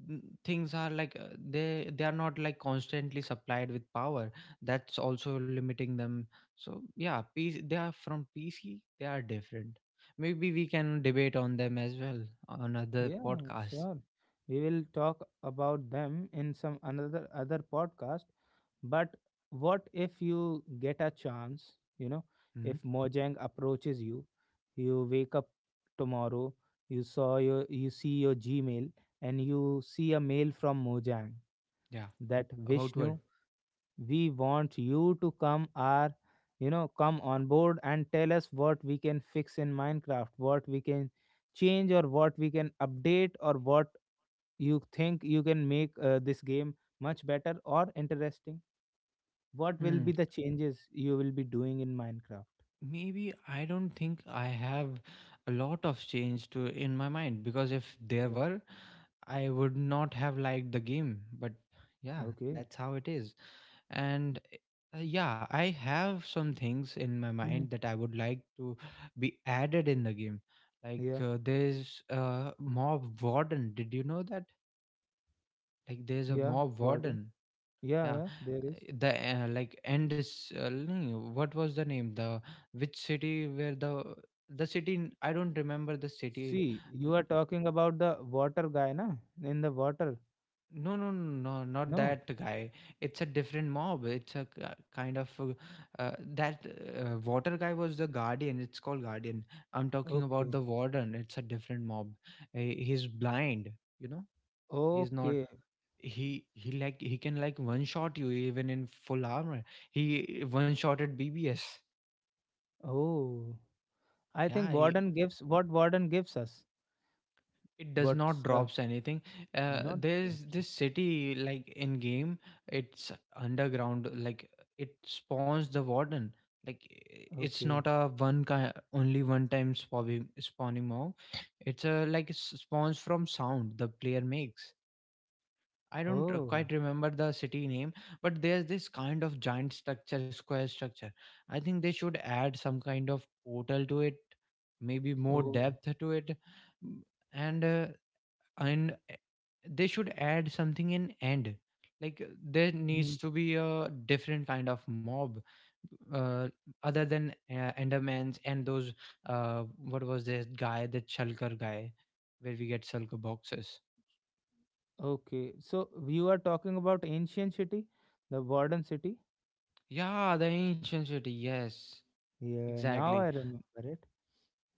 things are like they are not like constantly supplied with power. That's also limiting them. So yeah, PC, they are from PC. They are different. Maybe we can debate on them as well on other Yeah, podcast. sure. We will talk about them in some another other podcast. But what if you get a chance, Hmm. if Mojang approaches you, you wake up tomorrow, you see your Gmail and you see a mail from Mojang Yeah, that about what? Vishnu, we want you to come our you know, come on board and tell us what we can fix in Minecraft, what we can change or what we can update or what you think you can make this game much better or interesting. What will be the changes you will be doing in Minecraft? Maybe I don't think I have a lot of change to in my mind, because if there Yeah. were, I would not have liked the game. But yeah, Okay. that's how it is. And yeah, I have some things in my Hmm. mind that I would like to be added in the game. Like Yeah, there's a mob warden. Did you know that? Like there's a yeah, mob Gordon. warden. Yeah, Yeah, yeah there is. the like end. No, no, what was the name? The which city where the city? I don't remember the city. See, you N- are talking about the water guy, na? In the water. No, no, no, no, not No. that guy. It's a different mob. It's a kind of uh, that water guy was the guardian. It's called guardian. I'm talking about Okay. the warden. It's a different mob. He's blind. You know, he's not. Okay. He like he can like one shot you even in full armor. He one shotted BBS. Oh, I yeah think i- warden gives what warden gives us, it does not what's the drops anything. Not the There's option. this city like in game. It's underground, like it spawns the warden. Like it's Okay. not a one kind, only one time spawning mob. It's a like it spawns from sound the player makes. I don't Oh. quite remember the city name, but there's this kind of giant structure, square structure. I think they should add some kind of portal to it, maybe more Oh. depth to it, m- and and uh, they should add something in end. Like there Hmm. needs to be a different kind of mob, uh, other than Endermans and those. What was this guy, the Shulker guy, where we get Shulker boxes? Okay, so you are talking about ancient city, the modern city. Yeah, the ancient city. Yes. Yeah, now Exactly. I remember it.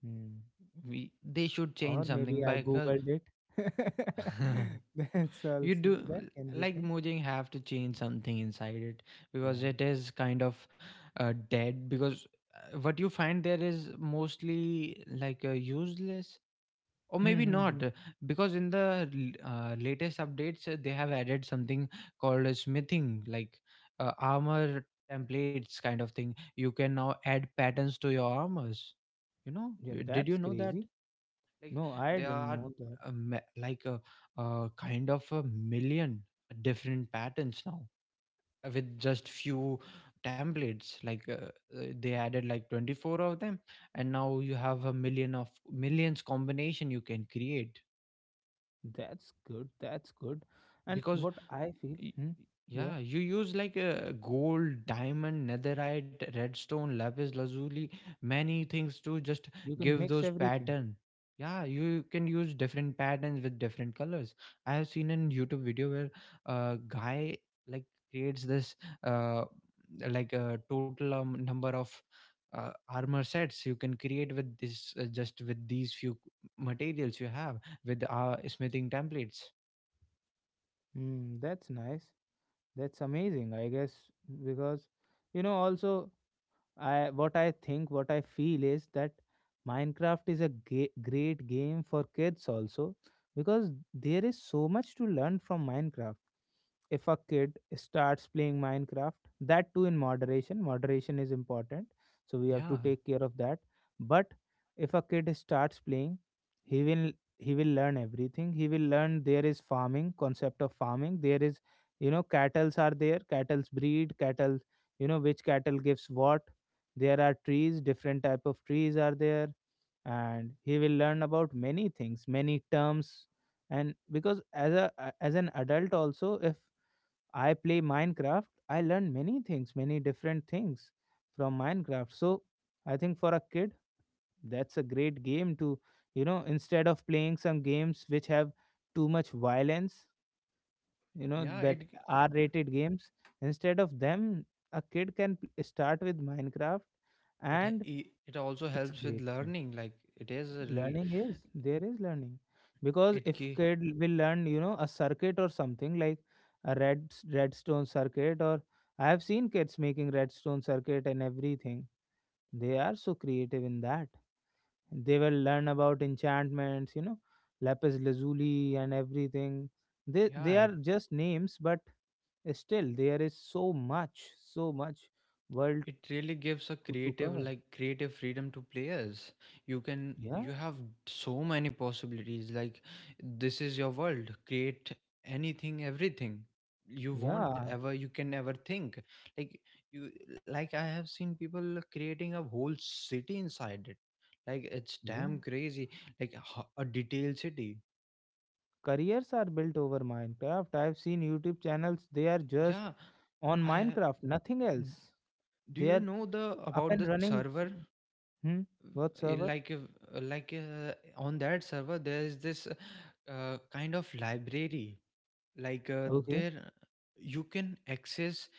Hmm. We They should Or change maybe something I because. googled it. That's You also do that can be like thing. Mojang have to change something inside it because Yeah. it is kind of dead because what you find there is mostly like useless, or Hmm, maybe hmm, not hmm. Because in the latest updates they have added something called a smithing, like armor templates kind of thing. You can now add patterns to your armors, you know. Yeah, Did you that's know that crazy. like No, I there didn't are know that. Like a kind of a million different patterns now, with just few templates like they added like 24 of them, and now you have a million of millions combination you can create That's good. That's good. And because what I feel, hmm, yeah, yeah, you use like a gold, diamond, netherite, redstone, lapis lazuli, many things to just you can give mix those everything. pattern. Yeah, you can use different patterns with different colors. I have seen in YouTube video where a guy like creates this uh like a total number of armor sets you can create with this, just with these few materials you have, with smithing templates. Hmm, that's nice. That's amazing, I guess, because you know also, I what I think, what I feel is that Minecraft is a great game for kids also, because there is so much to learn from Minecraft. If a kid starts playing Minecraft, that too in moderation. Moderation is important, so we have Yeah, to take care of that. But if a kid starts playing, he will he will learn everything. He will learn there is farming, concept of farming. There is, cattle's are there, cattle's breed, cattle, which cattle gives what. There are trees, different type of trees are there, and he will learn about many things, many terms. And because, as a as an adult also, if I play Minecraft, I learn many things, many different things from Minecraft. So I think for a kid, that's a great game to, instead of playing some games which have too much violence, you know yeah that it R rated games, instead of them a kid can start with Minecraft. And it also it's a helps with great thing. learning, like it is Learning is There is learning, because it if gi- kid will learn, a circuit or something, like a redstone circuit. Or I have seen kids making redstone circuit and everything, they are so creative in that. They will learn about enchantments, lapis lazuli and everything. they yeah they it, are just names, but still there is so much, so much world it really gives a to creative, cover. like creative freedom to players. You can Yeah, you have so many possibilities, like this is your world. Create anything, everything you want yeah, ever, you can ever think, like you like I have seen people creating a whole city inside it. Like it's yeah. damn crazy. Like a detailed city. Careers are built over Minecraft. I've seen YouTube channels, they are just Yeah, on I ha- Minecraft, nothing else. do They you are know the up about the and running. server? Hmm? What server? Like on that server, there is this kind of library. Like Okay. there, you can access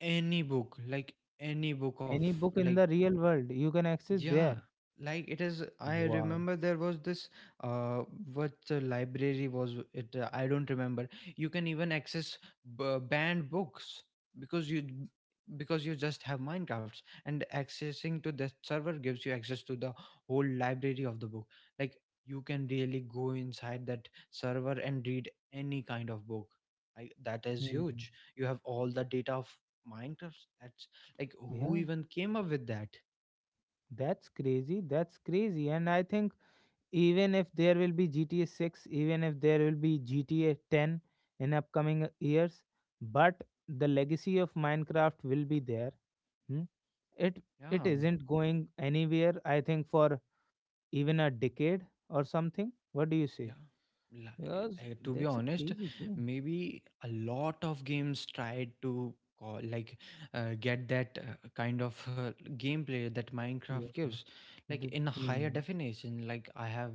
any book, like any book of Any book in like the real world you can access yeah, there. like it is. I Wow. remember there was this uh, what library was it? I don't remember. You can even access banned books because because you just have Minecrafts, and accessing to that server gives you access to the whole library of the book. Like you can really go inside that server and read any kind of book. That is Hmm. huge. You have all the data of Minecraft. That's like who Yeah. even came up with that? That's crazy. That's crazy. And I think even if there will be GTA 6, even if there will be GTA 10 in upcoming years, but the legacy of Minecraft will be there. Hmm? it Yeah. it isn't going anywhere, I think, for even a decade or something. What do you say? Yeah. Like, Because to be that's a honest, crazy game. maybe a lot of games tried to call, like get that kind of gameplay that Minecraft Yeah. gives, like the, in a higher hmm. definition. Like I have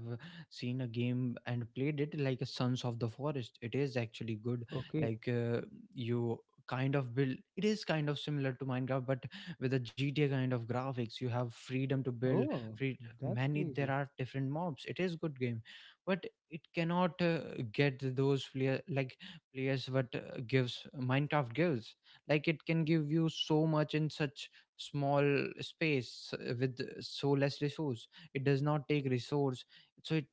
seen a game and played it, like a Sons of the Forest. It is actually good. Okay. Like you kind of build. It is kind of similar to Minecraft, but with a GTA kind of graphics. You have freedom to build Oh, free that's many. There crazy. are different mobs. It is good game, but it cannot get those player, like players what gives Minecraft gives. Like it can give you so much in such small space with so less resource. It does not take resource. So it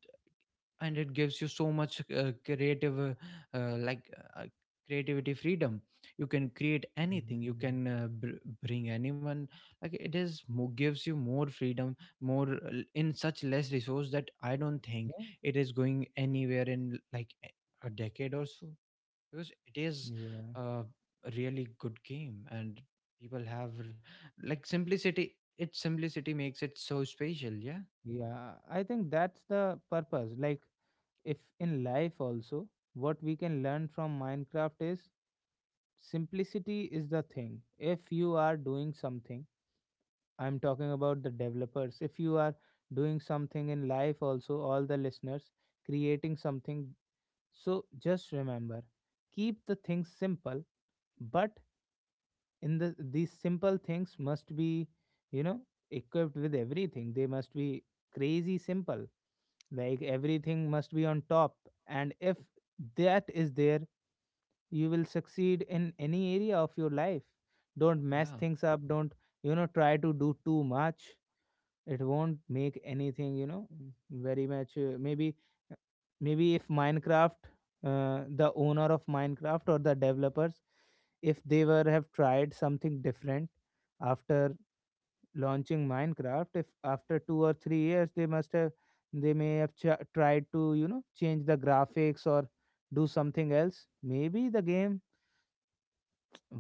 and it gives you so much creative like uh, creativity freedom. You can create anything, you Mhm. can bring anyone. Like it is gives you more freedom, more in such less resource, that I don't think Yeah, it is going anywhere in like a decade or so, because it is yeah, uh, a really good game, and people have r- like simplicity, its simplicity makes it so special. Yeah, yeah. I think that's the purpose, like, if in life also, what we can learn from Minecraft is simplicity is the thing. If you are doing something, I'm talking about the developers. If you are doing something in life also, all the listeners, creating something. So just remember, keep the things simple, but in these simple things must be, you know, equipped with everything. They must be crazy simple, like everything must be on top. And if that is there, you will succeed in any area of your life. Don't mess yeah. things up, don't, try to do too much. It won't make anything, very much, maybe, maybe if Minecraft, the owner of Minecraft or the developers, if they were have tried something different after launching Minecraft, if after 2 or 3 years they must have they may have tried to, change the graphics or do something else, maybe the game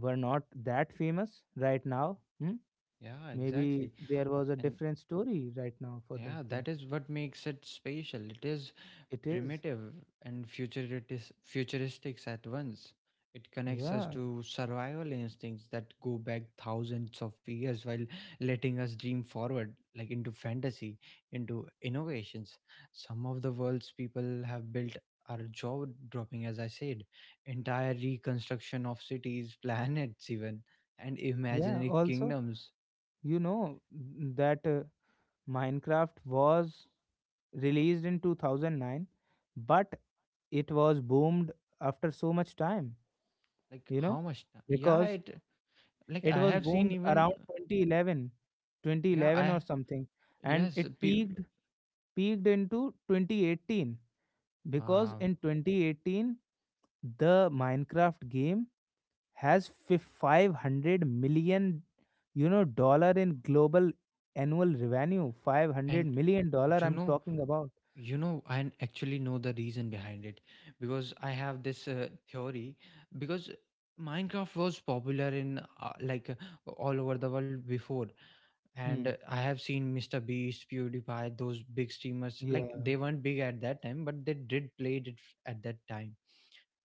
were not that famous right now. Hmm? Yeah, exactly. Maybe there was a And. different story right now for that Yeah, game. that is what makes it special. It is It is. primitive and futuristic at once. It connects us Yeah, to survival instincts that go back thousands of years, while letting us dream forward, like into fantasy, into innovations. Some of the world's people have built are jaw dropping, as I said, entire reconstruction of cities, planets, even, and yeah. imaginary Also, kingdoms. you know, that, Minecraft was released in 2009, but it was boomed after so much time, Like, you know, how much? Yeah, because it like it I was have seen boomed around even twenty eleven, twenty yeah eleven I or something, and yes it pe- peaked into 2018. Because uh, in 2018 the Minecraft game has 500 million, dollar in global annual revenue. and $500 million, you I'm know, talking about. I actually know the reason behind it because I have this theory, because Minecraft was popular in like all over the world before, and Hmm. I have seen Mr Beast, PewDiePie, those big streamers, like Yeah, they weren't big at that time but they did play it at that time.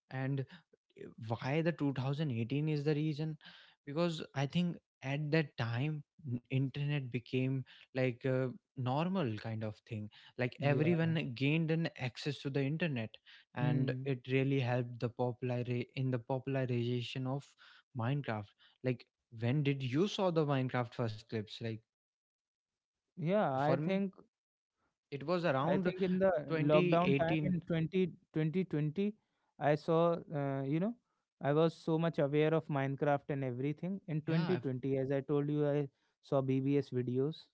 And why the 2018 is the reason, because I think at that time internet became like a normal kind of thing, like yeah. everyone gained an access to the internet, and Hmm. it really helped the popular in the popularization of Minecraft. Like when did you saw the Minecraft first clips? Like Yeah, for i me think it was i around think in the lockdown time 2018. in twenty twenty twenty, I saw, I was so much aware of Minecraft and everything in Yeah. 2020. As I told you, I saw BBS videos.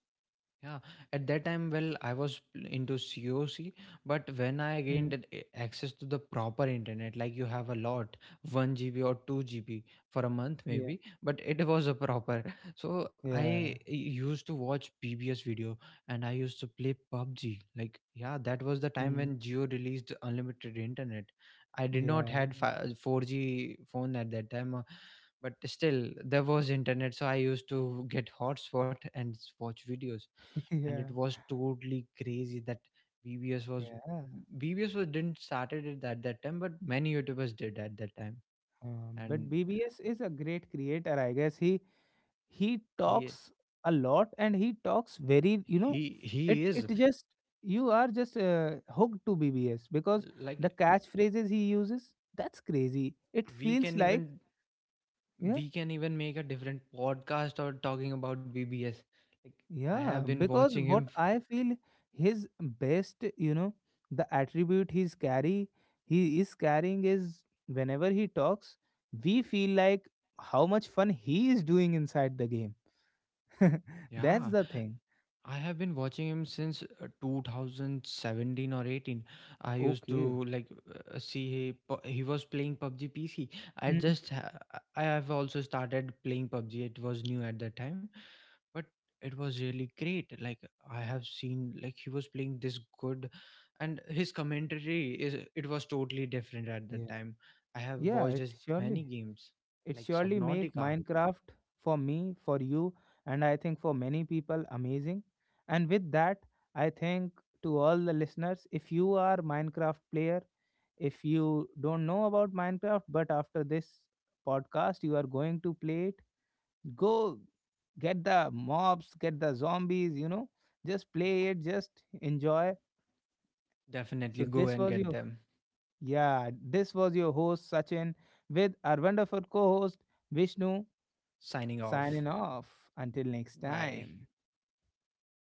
Yeah, at that time, well, I was into COC, but when I Hmm. gained that access to the proper internet, like you have a lot, 1 GB or 2 GB for a month Yeah, maybe, but it was a proper. So I yeah. used to watch PBS video and I used to play PUBG. Like, yeah, that was the time Hmm. when Geo released unlimited internet. I did not Yeah. had 4G phone at that time. But still, there was internet, so I used to get hotspot and watch videos, and it Yeah, was totally crazy that BBS was yeah. BBS was didn't started it at that time, but many YouTubers did at that time, But and BBS is a great creator, I guess. He he talks a lot, and he talks very, it he it is just, you are just hooked to BBS, because the like catchphrases he uses, that's crazy. It we feels can like, even yeah, we can even make a different podcast or talking about BBS. Like I have yeah, been because watching what him. I feel his best, the attribute he is carrying is whenever he talks, we feel like how much fun he is doing inside the game. Yeah, That's the thing. I have been watching him since 2017 or 18. I used Okay. to like see he was playing PUBG PC. I Hmm. just ha- I have also started playing PUBG. It was new at that time, but it was really great. Like I have seen like he was playing this good, and his commentary is it was totally different at that Yeah. time. I have Yeah, watched it his surely many games it like surely make Subnautica. Minecraft, for me, for you, and I think for many people, amazing. And with that, I think, to all the listeners, if you are Minecraft player, if you don't know about Minecraft, but after this podcast you are going to play it, go get the mobs, get the zombies, just play it, just enjoy. Definitely So go this and was get your them. Yeah, this was your host Sachin with our wonderful co host Vishnu, Signing off. signing off. Until next Bye. time.